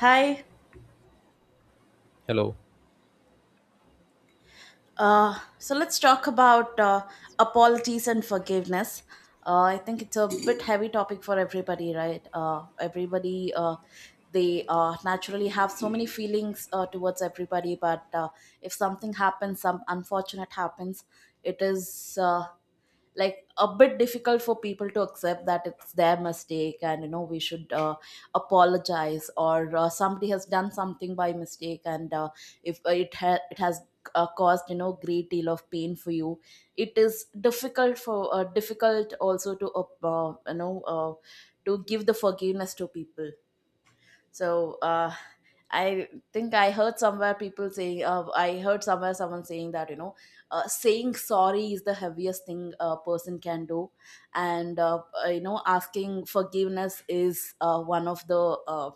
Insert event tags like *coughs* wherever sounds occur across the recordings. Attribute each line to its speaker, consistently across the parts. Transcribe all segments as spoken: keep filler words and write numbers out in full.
Speaker 1: Hi.
Speaker 2: Hello.
Speaker 1: Uh, so let's talk about uh, apologies and forgiveness. Uh, I think it's a bit heavy topic for everybody, right? Uh, everybody, uh, they uh, naturally have so many feelings uh, towards everybody, but uh, if something happens, some unfortunate happens, it is uh, like a bit difficult for people to accept that it's their mistake, and you know we should uh, apologize, or uh, somebody has done something by mistake. And uh, if uh, it ha- it has uh, caused you know great deal of pain for you. It is difficult for uh, difficult also to uh, uh, you know uh, to give the forgiveness to people. So uh, I think I heard somewhere people saying, uh, I heard somewhere someone saying that, you know, uh, saying sorry is the heaviest thing a person can do. And, uh, uh, you know, asking forgiveness is uh, one of the. Uh,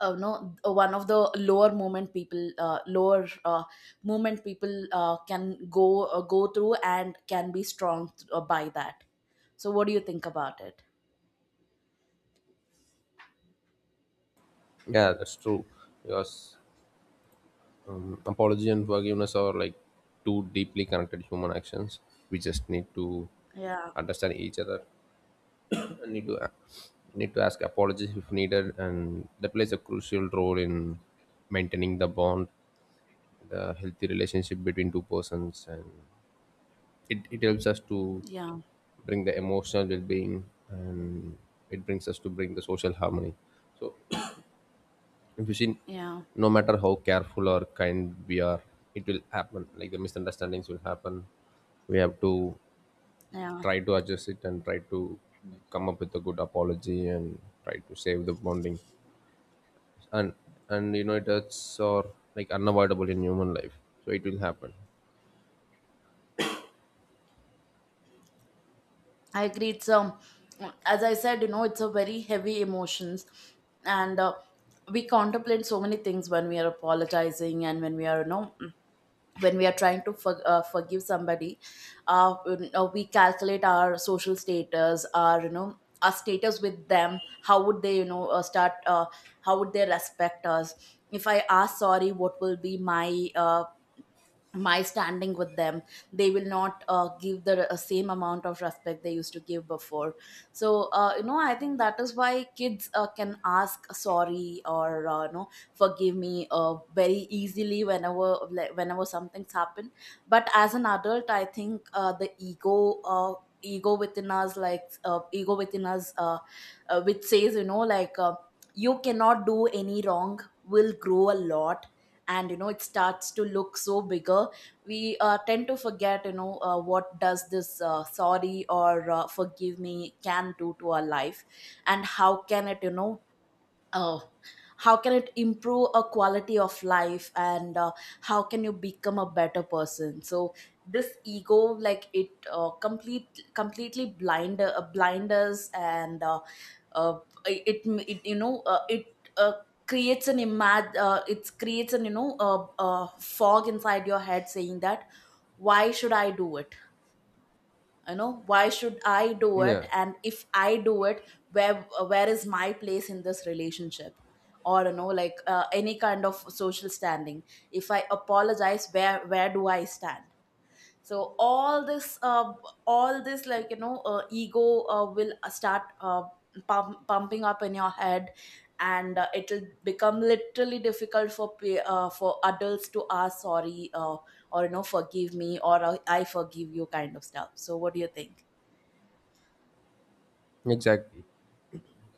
Speaker 1: uh, no, one of the lower movement people, uh, lower uh, movement people uh, can go uh, go through and can be strong uh, by that. So, what do you think about it?
Speaker 2: Yeah, that's true. Because um, apology and forgiveness are like two deeply connected human actions. We just need to
Speaker 1: Yeah,
Speaker 2: understand each other *clears throat* need to a- need to ask apologies if needed, and that plays a crucial role in maintaining the bond, the healthy relationship between two persons, and it, it helps us to
Speaker 1: yeah,
Speaker 2: bring the emotional well-being, and it brings us to bring the social harmony. So if you see,
Speaker 1: yeah,
Speaker 2: no matter how careful or kind we are, it will happen. Like the misunderstandings will happen. We have to
Speaker 1: yeah.
Speaker 2: try to adjust it and try to come up with a good apology and try to save the bonding. And and you know it hurts or like unavoidable in human life. So it will happen.
Speaker 1: I agree. It's um, As I said, you know, it's a very heavy emotions, and uh, we contemplate so many things when we are apologizing and when we are, you know, when we are trying to for, uh, forgive somebody. Uh, you know, we calculate our social status, our you know, our status with them. How would they, you know, uh, start? Uh, how would they respect us? If I ask sorry, what will be my uh, my standing with them? They will not uh, give the uh, same amount of respect they used to give before. So uh, you know, I think that is why kids uh, can ask sorry or uh, you know, forgive me uh, very easily whenever like, whenever something's happened. But as an adult, I think uh, the ego uh, ego within us like uh, ego within us, uh, uh, which says, you know, like uh, you cannot do any wrong, will grow a lot. And you know, it starts to look so bigger. We uh, tend to forget, you know, uh, what does this uh, sorry or uh, forgive me can do to our life, and how can it, you know, Oh, how can it improve a quality of life and uh, how can you become a better person. So this ego, like it uh, complete completely blind uh, blind us. And uh, uh, it, it, you know, uh, it uh, creates an imag uh, it creates an you know uh, uh, fog inside your head saying that, why should I do it? You know, why should I do
Speaker 2: Yeah,
Speaker 1: it, and if I do it, where where is my place in this relationship, or you know, like uh, any kind of social standing? If I apologize, where where do I stand? So all this uh, all this, like you know, uh, ego uh, will uh, start uh, pump, pumping up in your head. And uh, it'll become literally difficult for pe- uh, for adults to ask sorry, uh, or you know, forgive me, or uh, I forgive you kind of stuff. So what do you think?
Speaker 2: exactly.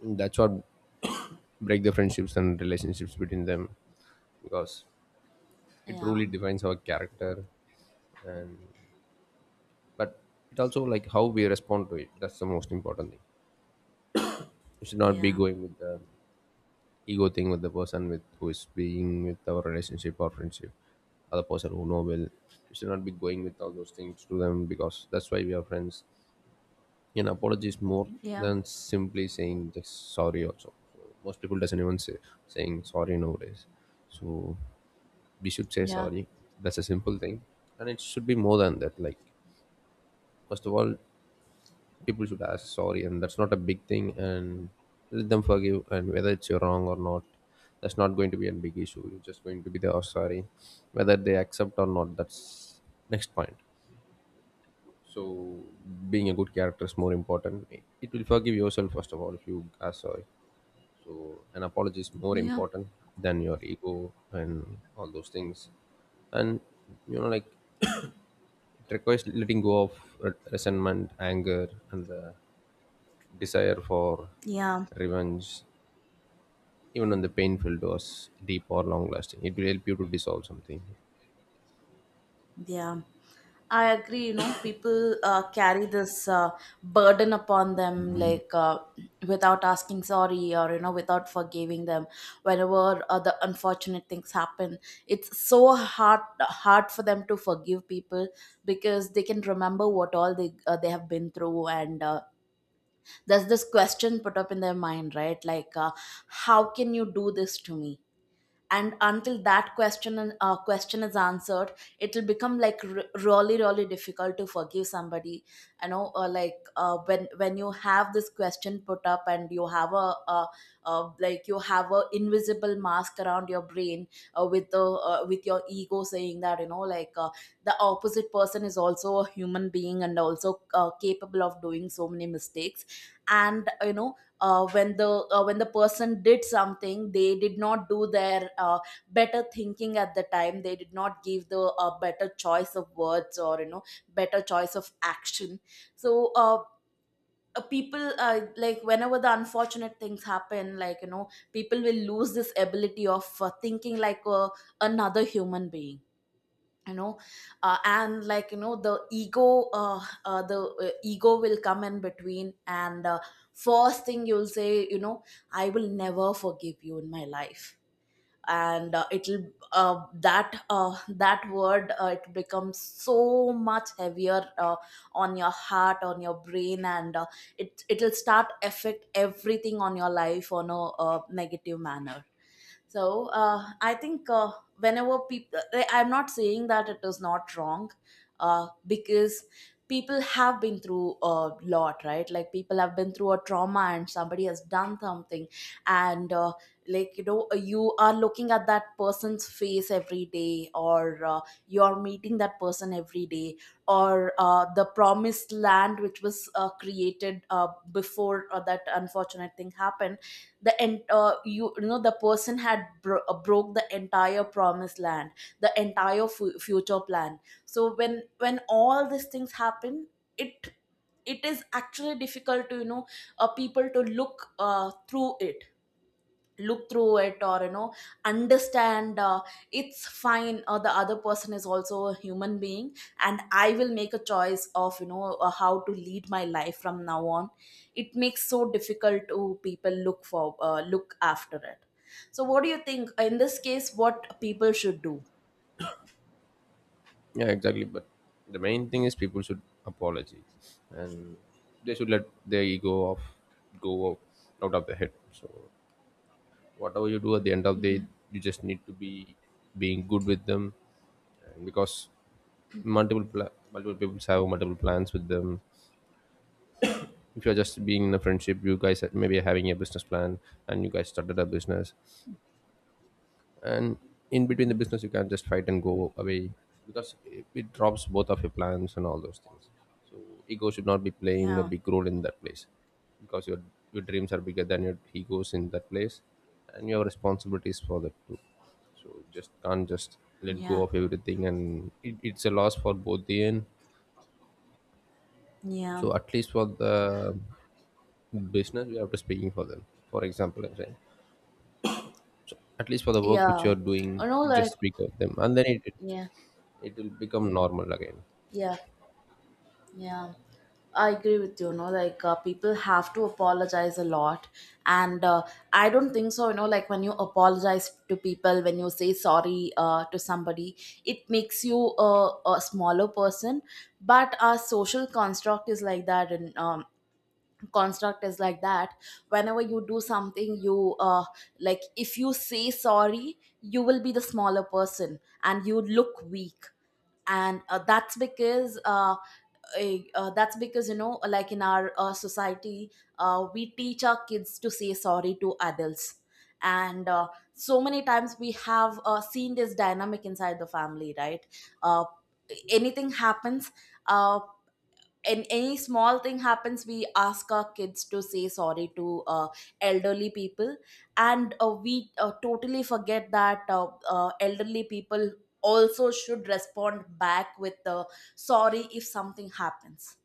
Speaker 2: That's what *coughs* break the friendships and relationships between them, because it
Speaker 1: yeah
Speaker 2: truly defines our character, but it also like how we respond to it, that's the most important thing. You should not be
Speaker 1: yeah
Speaker 2: going with the ego thing with the person with who is being with our relationship or friendship, other person who know well. You should not be going with all those things to them because that's why we are friends, and apology is more
Speaker 1: yeah
Speaker 2: than simply saying just sorry also. So most people doesn't even say saying sorry nowadays, so we should say
Speaker 1: yeah
Speaker 2: sorry. That's a simple thing, and it should be more than that. Like first of all, people should ask sorry, and that's not a big thing, and let them forgive, and whether it's your wrong or not, that's not going to be a big issue. You're just going to be there, oh, sorry. Whether they accept or not, that's next point. So being a good character is more important. It will forgive yourself first of all if you ask sorry. So an apology is more
Speaker 1: yeah
Speaker 2: important than your ego and all those things. And you know like it requires letting go of re- resentment, anger, and the desire for
Speaker 1: yeah
Speaker 2: revenge, even when the painful was deep or long lasting. It will help you to dissolve something.
Speaker 1: Yeah, I agree. You know, people uh, carry this uh, burden upon them, like uh, without asking sorry, or you know, without forgiving them whenever other unfortunate things happen. It's so hard hard for them to forgive people, because they can remember what all they uh, they have been through. And uh, there's this question put up in their mind, right? Like, uh, how can you do this to me? And until that question and uh, question is answered, it will become like r- really really difficult to forgive somebody. You know, uh, like uh, when when you have this question put up and you have a, a, uh like you have a invisible mask around your brain, uh, with the uh, with your ego saying that you know, like uh, the opposite person is also a human being, and also uh, capable of doing so many mistakes. And you know, uh, when the uh, when the person did something, they did not do their uh, better thinking at the time. They did not give the uh, better choice of words, or you know, better choice of action. So uh, uh, people uh, like whenever the unfortunate things happen, like you know, people will lose this ability of uh, thinking like uh, another human being, you know. Uh, and like you know, the ego uh, uh, the uh, ego will come in between. And uh, first thing you'll say, you know, I will never forgive you in my life. And uh, it'll uh, that uh, that word, uh, it becomes so much heavier uh, on your heart, on your brain. And uh, it it'll start affect everything on your life on a uh, negative manner. So uh, i think uh, whenever people, I'm not saying that it is not wrong, uh, because people have been through a lot, right? Like people have been through a trauma, and somebody has done something. And uh, like you know, you are looking at that person's face every day, or uh, you are meeting that person every day, or uh, the promised land which was uh, created uh, before uh, that unfortunate thing happened, the en- uh, you, you know, the person had bro- uh, broke the entire promised land, the entire fu- future plan. So when when all these things happen, it it is actually difficult to you know, uh, people to look uh, through it, look through it, or you know, understand, uh, it's fine, uh, the other person is also a human being, and I will make a choice of you know, uh, how to lead my life from now on. It makes so difficult to people look for, uh, look after it. So what do you think in this case, what people should do?
Speaker 2: Yeah, exactly. But the main thing is people should apology, and they should let their ego off, go out of the head. So whatever you do at the end of the day, you just need to be being good with them, and because multiple pla- multiple people have multiple plans with them. If you're just being in a friendship, you guys are- maybe are having a business plan, and you guys started a business. And in between the
Speaker 1: Hmm
Speaker 2: business you can just fight and go away, because it, it drops both of your plans and all those things. So ego should not be playing a
Speaker 1: yeah
Speaker 2: big role in that place, because your your dreams are bigger than your egos in that place, and your responsibilities for that too. So just can't just let go
Speaker 1: yeah
Speaker 2: of everything, and it, it's a loss for both the end.
Speaker 1: yeah
Speaker 2: So at least for the business we have to speaking for them. For example, I'm saying at least for the work which
Speaker 1: yeah
Speaker 2: you're
Speaker 1: you
Speaker 2: doing,
Speaker 1: know
Speaker 2: just
Speaker 1: like
Speaker 2: speak of them, and then it, it
Speaker 1: yeah
Speaker 2: it will become normal again.
Speaker 1: yeah Yeah, I agree with you. You know, like uh, people have to apologize a lot. And uh, I don't think so. You know, like when you apologize to people, when you say sorry uh, to somebody, it makes you a, a smaller person. But our social construct is like that, and um, construct is like that. Whenever you do something you uh like if you say sorry, you will be the smaller person and you look weak. And uh, that's because uh, a- uh, that's because you know, like in our uh, society, uh, we teach our kids to say sorry to adults. And uh, so many times we have uh, seen this dynamic inside the family, right? uh, Anything happens, uh, and any small thing happens, we ask our kids to say sorry to uh, elderly people. And uh, we uh, totally forget that uh, uh, elderly people also should respond back with uh, sorry if something happens,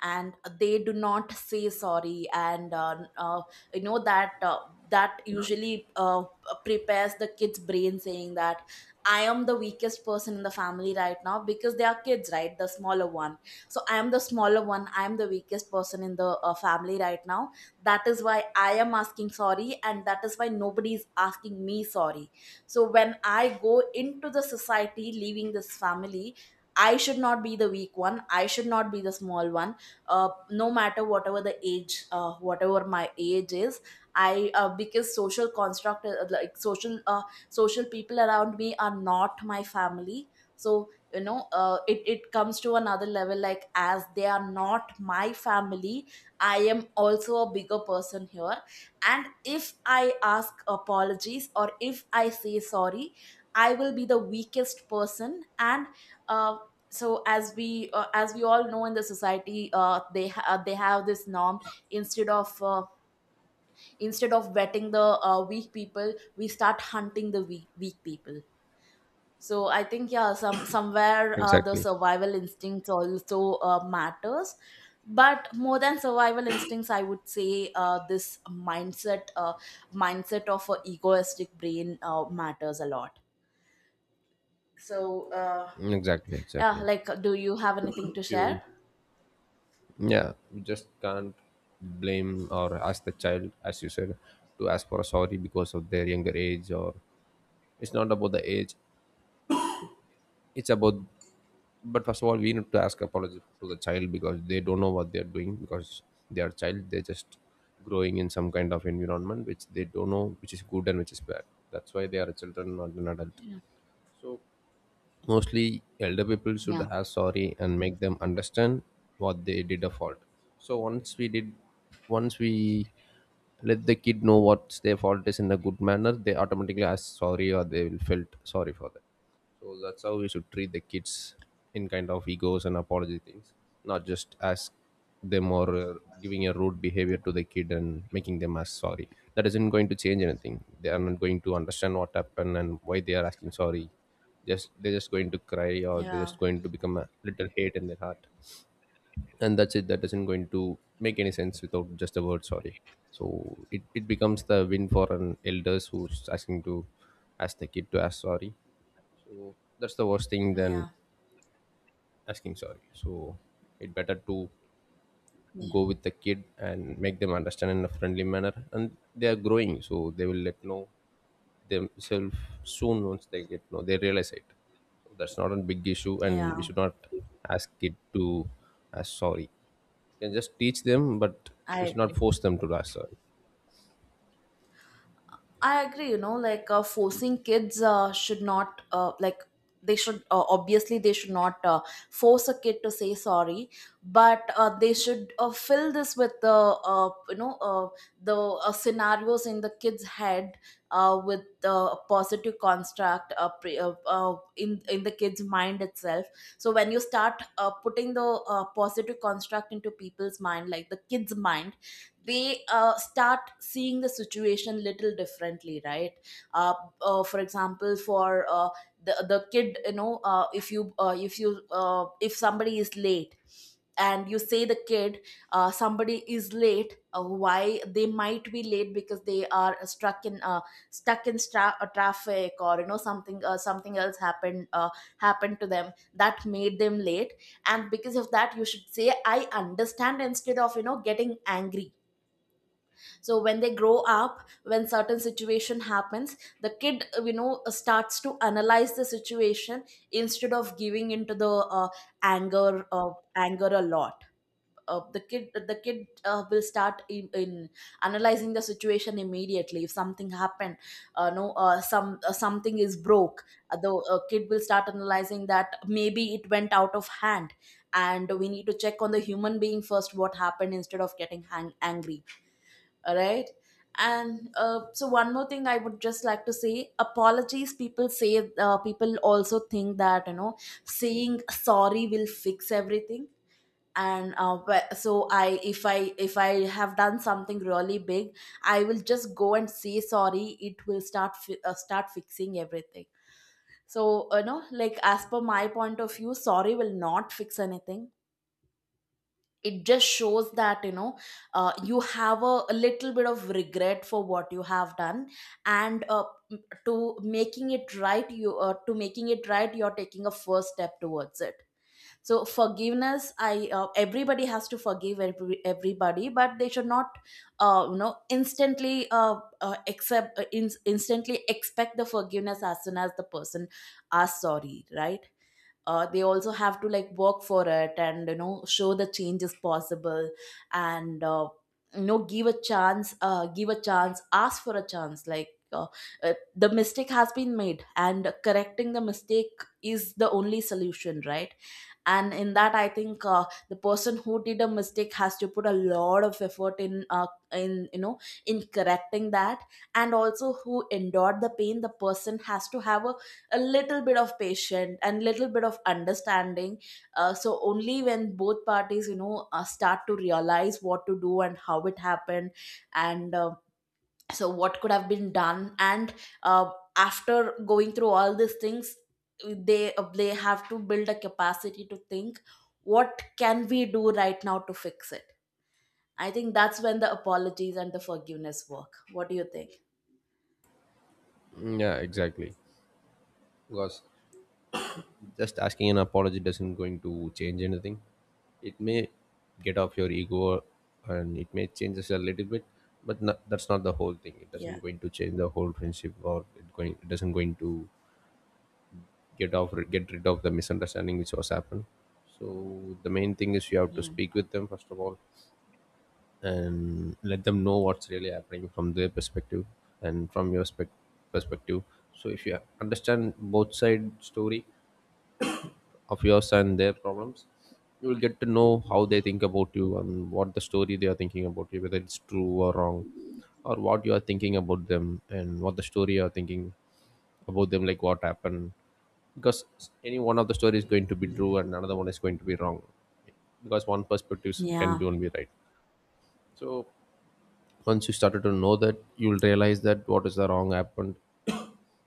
Speaker 1: and they do not say sorry. And uh, uh, you know, that uh, that usually uh, prepares the kids brain saying that, I am the weakest person in the family right now, because they are kids, right, the smaller one. So I am the smaller one, I am the weakest person in the uh, family right now. That is why I am asking sorry, and that is why nobody is asking me sorry. So when I go into the society leaving this family, I should not be the weak one. I should not be the small one, uh, no matter whatever the age, uh, whatever my age is. I uh, Because social construct, uh, like social uh, social people around me are not my family. So you know, uh, it, it comes to another level, like as they are not my family, I am also a bigger person here. And if I ask apologies, or if I say sorry, I will be the weakest person. And uh, so as we uh, as we all know in the society, uh, they ha- uh, they have this norm, instead of uh, instead of vetting the uh, weak people, we start hunting the weak, weak people. So I think, yeah, some somewhere uh, the
Speaker 2: Exactly.
Speaker 1: survival instincts also uh, matters. But more than survival instincts, I would say uh, this mindset uh, mindset of a egoistic brain uh, matters a lot. So uh,
Speaker 2: Exactly,
Speaker 1: yeah,
Speaker 2: exactly.
Speaker 1: like, do you have anything
Speaker 2: If
Speaker 1: to
Speaker 2: you,
Speaker 1: share?
Speaker 2: yeah, you just can't blame or ask the child, as you said, to ask for a sorry because of their younger age, or it's not about the age, it's about. But first of all, we need to ask apology to the child because they don't know what they're doing, because they are child, they're just growing in some kind of environment which they don't know which is good and which is bad. That's why they are children, not an adult. So mostly elder people should
Speaker 1: yeah
Speaker 2: have sorry and make them understand what they did a fault. So once we did once we let the kid know what's their fault is in a good manner, they automatically ask sorry or they will felt sorry for that. So that's how we should treat the kids in kind of egos and apology things, not just ask them or uh, giving a rude behavior to the kid and making them ask sorry. That isn't going to change anything. They are not going to understand what happened and why they are asking sorry. Just they're just going to cry or they're
Speaker 1: yeah
Speaker 2: just going to become a little hate in their heart. And that's it. That isn't going to make any sense without just the word sorry. So it, it becomes the win for an elders who's asking to ask the kid to ask sorry, so that's the worst thing than
Speaker 1: Yeah,
Speaker 2: asking sorry. So it better to
Speaker 1: yeah,
Speaker 2: go with the kid and make them understand in a friendly manner. And they are growing, so they will let know themselves soon once they get know they realize it. So that's not a big issue, and we
Speaker 1: yeah.
Speaker 2: should not ask kid to ask sorry. You can just teach them, but we
Speaker 1: I
Speaker 2: should not
Speaker 1: agree.
Speaker 2: force them to ask sorry.
Speaker 1: I agree. You know, like uh, forcing kids uh, should not uh, like they should uh, obviously they should not uh, force a kid to say sorry, but uh, they should uh, fill this with the uh, you know, uh, the uh, scenarios in the kid's head, uh, with uh, positive construct, uh, pre- uh, uh, in in the kid's mind itself. So when you start uh, putting the uh, positive construct into people's mind, like the kid's mind, they uh, start seeing the situation little differently, right? uh, uh, for example, for uh, the the kid, you know, uh, if you uh, if you uh, if somebody is late, and you say the kid, uh, somebody is late, uh, why they might be late, because they are stuck in uh, stuck in stra- uh, traffic, or you know, something uh, something else happened uh, happened to them that made them late. And because of that you should say, I understand, instead of, you know getting angry. So when they grow up, when certain situation happens, the kid, uh, you know uh, starts to analyze the situation instead of giving into the uh, anger, uh, anger a lot. Uh, the kid uh, the kid uh, will start in, in analyzing the situation immediately if something happened. Uh, no, uh, some uh, something is broke. Uh, the uh, kid will start analyzing that maybe it went out of hand, and we need to check on the human being first, what happened, instead of getting hang- angry. All right. And uh, so one more thing I would just like to say: apologies, people say, uh, people also think that, you know saying sorry will fix everything. And uh, wh- so I if I if I have done something really big, I will just go and say sorry, it will start fi- uh, start fixing everything. So, you know, like, as per my point of view, sorry will not fix anything. It just shows that, you know, uh, you have a, a little bit of regret for what you have done. And uh, m- to making it right you uh, to making it right, you're taking a first step towards it. So forgiveness, I uh, everybody has to forgive every, everybody, but they should not, uh, you know instantly uh, uh, accept uh, in, instantly expect the forgiveness as soon as the person asks sorry, right? Uh, they also have to, like, work for it and, you know, show the change is possible. And uh, you know, give a chance, uh, give a chance ask for a chance, like, uh, uh, the mistake has been made, and correcting the mistake is the only solution, right? And in that, I think uh, the person who did a mistake has to put a lot of effort in uh, in you know in correcting that. And also, who endured the pain, the person has to have a, a little bit of patience and little bit of understanding. Uh, so only when both parties, you know, uh, start to realize what to do and how it happened, and uh, so what could have been done, and uh, after going through all these things, they uh, they have to build a capacity to think, what can we do right now to fix it? I think that's when the apologies and the forgiveness work. What do you think?
Speaker 2: Mm, yeah, exactly. Because just asking an apology doesn't going to change anything. It may get off your ego, and it may change us a little bit, but no, that's not the whole thing. It
Speaker 1: Yeah,
Speaker 2: doesn't going to change the whole friendship, or it going it doesn't going to get off get rid of the misunderstanding which was happened. So the main thing is you have to
Speaker 1: yeah,
Speaker 2: speak with them first of all and let them know what's really happening from their perspective, and from your spec- perspective. So if you understand both side story of yours and their problems, you will get to know how they think about you and what the story they are thinking about you, whether it's true or wrong, or what you are thinking about them and what the story you are thinking about them, like what happened. Because any one of the story is going to be true and another one is going to be wrong, because one perspective can
Speaker 1: yeah,
Speaker 2: be only right. So once you started to know that, you'll realize that what is the wrong happened,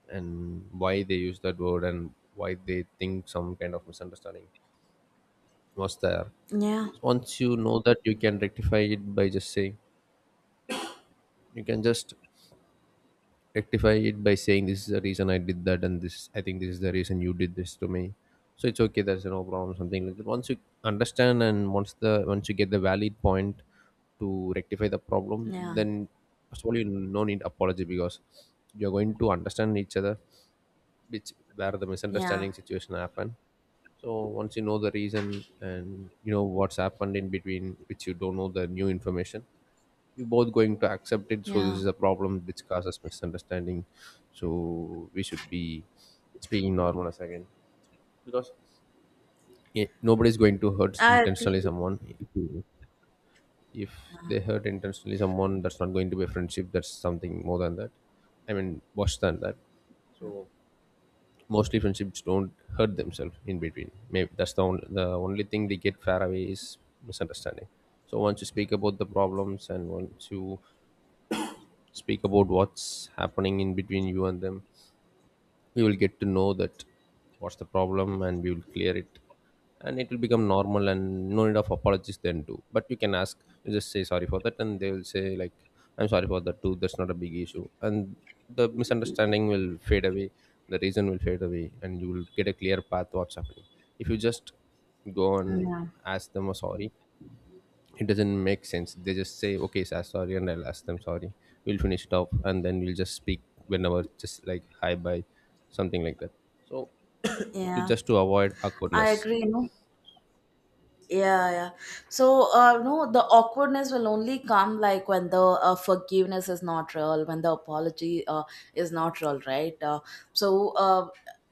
Speaker 2: and why they use that word, and why they think some kind of misunderstanding was there.
Speaker 1: yeah,
Speaker 2: Once you know that, you can rectify it by just saying, you can just rectify it by saying this is the reason I did that, and this I think this is the reason you did this to me. So it's okay, there's no problem, something like that. Once you understand, and once the once you get the valid point to rectify the problem,
Speaker 1: yeah,
Speaker 2: then first of all you no need apology, because you're going to understand each other, which where the
Speaker 1: yeah,
Speaker 2: misunderstanding situation happened. So once you know the reason and you know what's happened in between which you don't know the new information, you both going to accept it. So this
Speaker 1: yeah.
Speaker 2: is a problem which causes misunderstanding. So we should be speaking normal as again. Yeah, nobody's going to hurt
Speaker 1: I agree.
Speaker 2: intentionally someone. If if they hurt intentionally someone, that's not going to be a friendship, that's something more than that, I mean worse than that. Mostly friendships don't hurt themselves in between. Maybe that's the only, the only thing they get far away is misunderstanding. So once you speak about the problems and once you speak about what's happening in between you and them, we will get to know that what's the problem and we will clear it, and it will become normal and no need of apologies then too, but you can ask, you just say sorry for that and they will say like I'm sorry for that too, that's not a big issue, and the misunderstanding will fade away, the reason will fade away, and you will get a clear path what's happening. If you just go and
Speaker 1: Yeah,
Speaker 2: ask them a sorry, it doesn't make sense, they just say okay sir sorry and I'll ask them sorry, we'll finish it off, and then we'll just speak whenever, just like hi bye, something like that, so to
Speaker 1: yeah.
Speaker 2: just to avoid
Speaker 1: I
Speaker 2: awkwardness.
Speaker 1: agree. No. Yeah, yeah. So, uh no, the awkwardness will only come, like, when the uh, forgiveness is not real, when the apology uh, is not real, right? Uh, so, uh,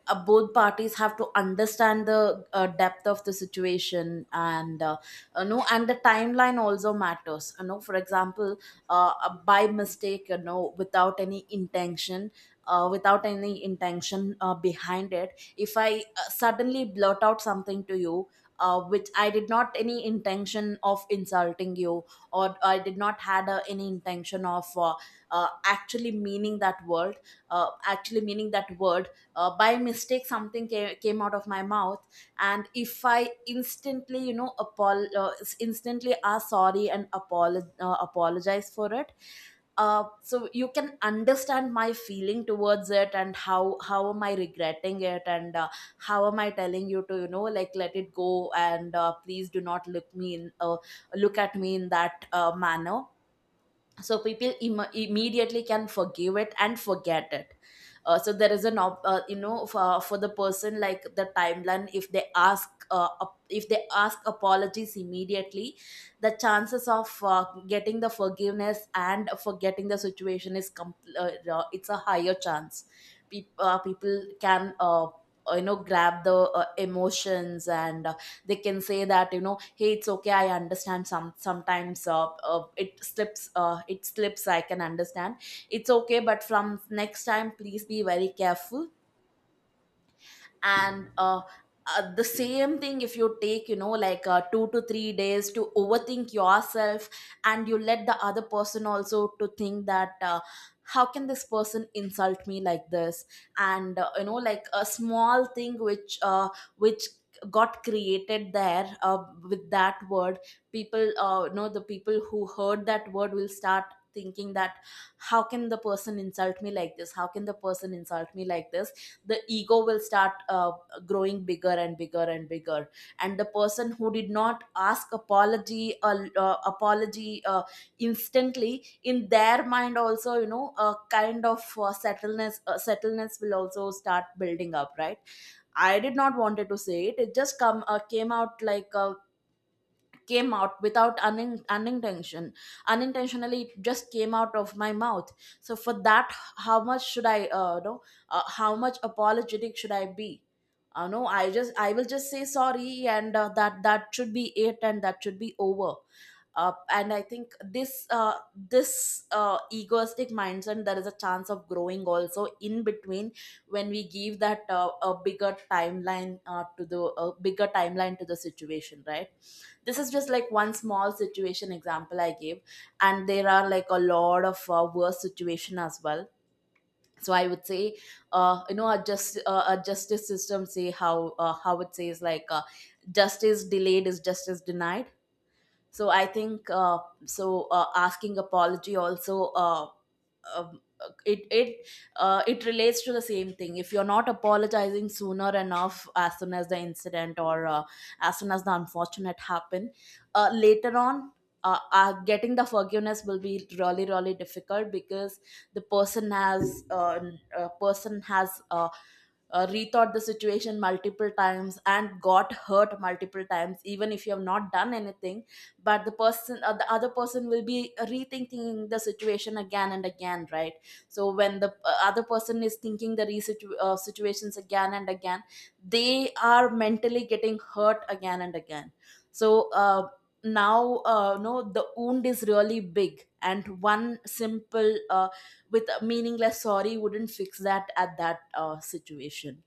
Speaker 1: uh, both parties have to understand the uh, depth of the situation, and uh, uh, no, and the timeline also matters, you know. For example, uh, uh, by mistake, you know, without any intention uh, without any intention uh, behind it, if I uh, suddenly blurt out something to you, uh, which I did not any intention of insulting you, or I did not had uh, any intention of uh, uh, actually meaning that word, uh, actually meaning that word. Uh, by mistake, something came, came out of my mouth, and if I instantly, you know, apol- uh, instantly ask sorry and apolo- uh, apologize for it, uh, so you can understand my feeling towards it, and how how am I regretting it, and uh, how am I telling you to, you know, like, let it go, and uh, please do not look me in uh, look at me in that uh, manner. So people Im- immediately can forgive it and forget it. Uh, so there is an op- uh, you know, for, for the person, like, the timeline, if they ask uh, ap- if they ask apologies immediately, the chances of uh, getting the forgiveness and forgetting the situation is com- uh, uh, it's a higher chance. Peop uh, people can, uh, you know, grab the uh, emotions, and they can say that, you know, hey, it's okay, I understand, some sometimes, uh, uh, it slips, uh, it slips I can understand. It's okay, but from next time, please be very careful. And uh, uh, the same thing, if you take, you know, like, uh, two to three days to overthink yourself, and you let the other person also to think that, uh, how can this person insult me like this? And uh, you know, like, a small thing which uh, which got created there uh, with that word, people, uh, you know, the people who heard that word will start thinking that, how can the person insult me like this, how can the person insult me like this. The ego will start uh, growing bigger and bigger and bigger, and the person who did not ask apology, uh, uh, apology uh, instantly, in their mind also, you know, a kind of uh, settleness uh, settleness will also start building up, right? I did not wanted to say it it just come uh, came out, like, a came out without unin- unintention unintentionally, it just came out of my mouth. So for that, how much should I, uh, know, uh, how much apologetic should I be? Uh, no, i just I will just say sorry, and uh, that that should be it, and that should be over. Uh, and I think this uh, this uh, egoistic mindset, there is a chance of growing also in between, when we give that uh, a bigger timeline uh, to the a bigger timeline to the situation, right? This is just like one small situation example I gave, and there are, like, a lot of uh, worse situation as well. So I would say, uh, you know, our just uh, our justice system say, how uh, how it says, like, uh, justice delayed is justice denied. So I think, uh, so uh, asking apology also, uh, um, uh, it it uh, it relates to the same thing. If you're not apologizing sooner enough, as soon as the incident, or uh, as soon as the unfortunate happen, uh, later on, uh, uh, getting the forgiveness will be really really difficult, because the person has uh, uh, person has uh, uh, rethought the situation multiple times and got hurt multiple times, even if you have not done anything. But the person uh, the other person will be rethinking the situation again and again, right? So when the uh, other person is thinking the resitu- uh, situations again and again, they are mentally getting hurt again and again. So uh, now, uh, no, the wound is really big, and one simple uh, with a meaningless sorry wouldn't fix that at that uh, situation.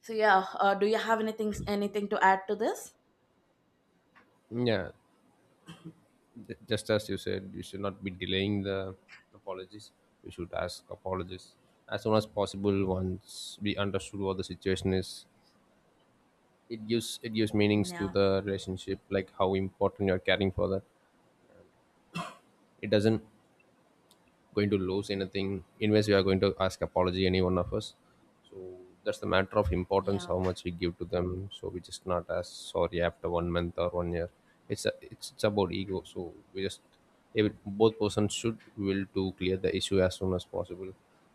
Speaker 1: So yeah, uh, do you have anything anything to add to this?
Speaker 2: Yeah, j- just as you said, you should not be delaying the apologies. We should ask apologies as soon as possible once we understood what the situation is. It gives it gives meanings to
Speaker 1: Yeah,
Speaker 2: the relationship, like how important you're caring for that. It doesn't going to lose anything in unless we are going to ask apology any one of us. So that's the matter of importance
Speaker 1: yeah,
Speaker 2: how much we give to them, so we just not as sorry after one month or one year. It's a, it's, it's about ego, so we just every, both persons should will to clear the issue as soon as possible.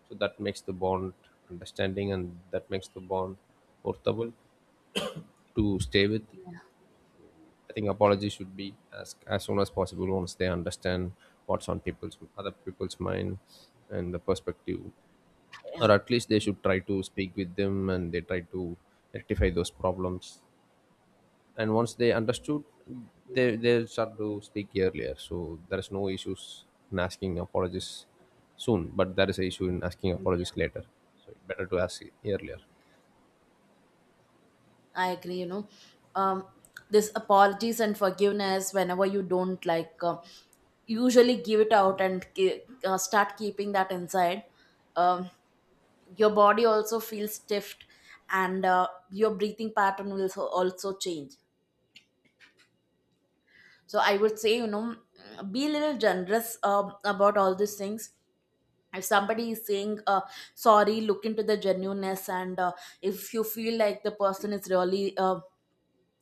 Speaker 2: So that makes the bond understanding, and that makes the bond worthwhile to stay with. I think apology should be as as soon as possible once they understand what's on people's other people's mind and the perspective,
Speaker 1: yeah.
Speaker 2: or at least they should try to speak with them and they try to rectify those problems. And once they understood, they they start to speak earlier. So there is no issues in asking apologies soon, but there is an issue in asking apologies
Speaker 1: Yeah,
Speaker 2: later. So better to ask earlier.
Speaker 1: I agree. You know, um, this apologies and forgiveness, whenever you don't, like, uh, usually give it out and ki- uh, start keeping that inside. Um, your body also feels stiffed, and uh, your breathing pattern will so- also change. So I would say, you know, be a little generous uh, about all these things. If somebody is saying uh, sorry, look into the genuineness, and uh, if you feel like the person is really uh,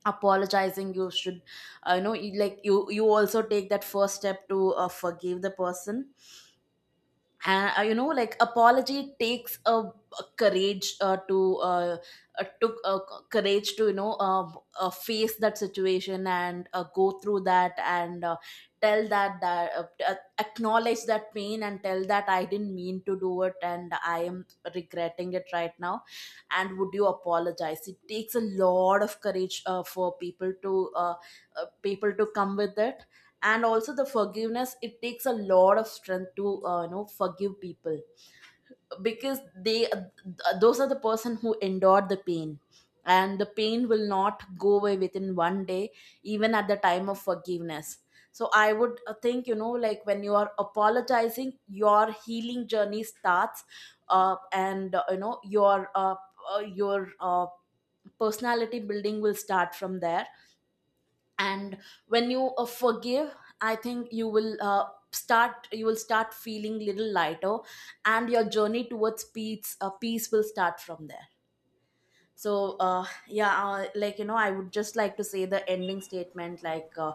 Speaker 1: apologizing, you should uh, you know, you, like, you you also take that first step to uh, forgive the person. Uh, you know, like, apology takes a, a courage, uh, to uh, uh, took uh, courage to you know uh, uh, face that situation, and uh, go through that, and uh, tell that, that uh, uh, acknowledge that pain, and tell that, I didn't mean to do it, and I am regretting it right now. And would you apologize, it takes a lot of courage uh, for people to, uh, uh, people to come with it. And also the forgiveness, it takes a lot of strength to, uh, you know, forgive people, because they th- those are the person who endured the pain, and the pain will not go away within one day, even at the time of forgiveness. So I would, uh, think, you know, like, when you are apologizing, your healing journey starts, uh, and uh, you know, your uh, uh, your uh, personality building will start from there. And when you uh, forgive, I think you will, uh, start you will start feeling little lighter, and your journey towards peace uh, peace will start from there. So uh, yeah, uh, like, you know, I would just like to say the ending statement, like, uh,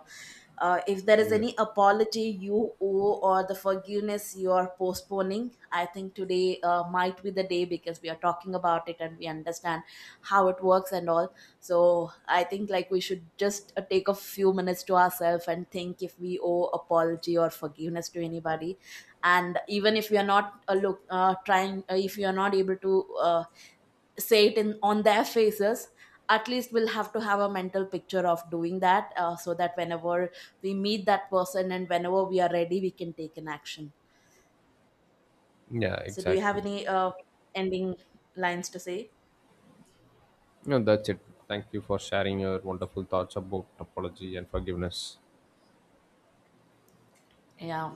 Speaker 1: uh, if there is
Speaker 2: Yeah,
Speaker 1: any apology you owe or the forgiveness you are postponing, I think today uh, might be the day, because we are talking about it and we understand how it works and all. So I think, like, we should just uh, take a few minutes to ourselves and think if we owe apology or forgiveness to anybody. And even if we are not uh, look uh, trying, uh, if you are not able to, Uh, say it, in, on their faces, at least we'll have to have a mental picture of doing that, uh, so that whenever we meet that person and whenever we are ready, we can take an action.
Speaker 2: yeah,
Speaker 1: So do you have
Speaker 2: exactly.
Speaker 1: any uh, ending lines to say?
Speaker 2: No, that's it. Thank you for sharing your wonderful thoughts about apology and forgiveness.
Speaker 1: Yeah,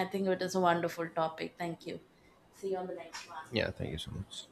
Speaker 1: I think it is a wonderful topic. Thank you. See you on the next one.
Speaker 2: Yeah, thank you so much.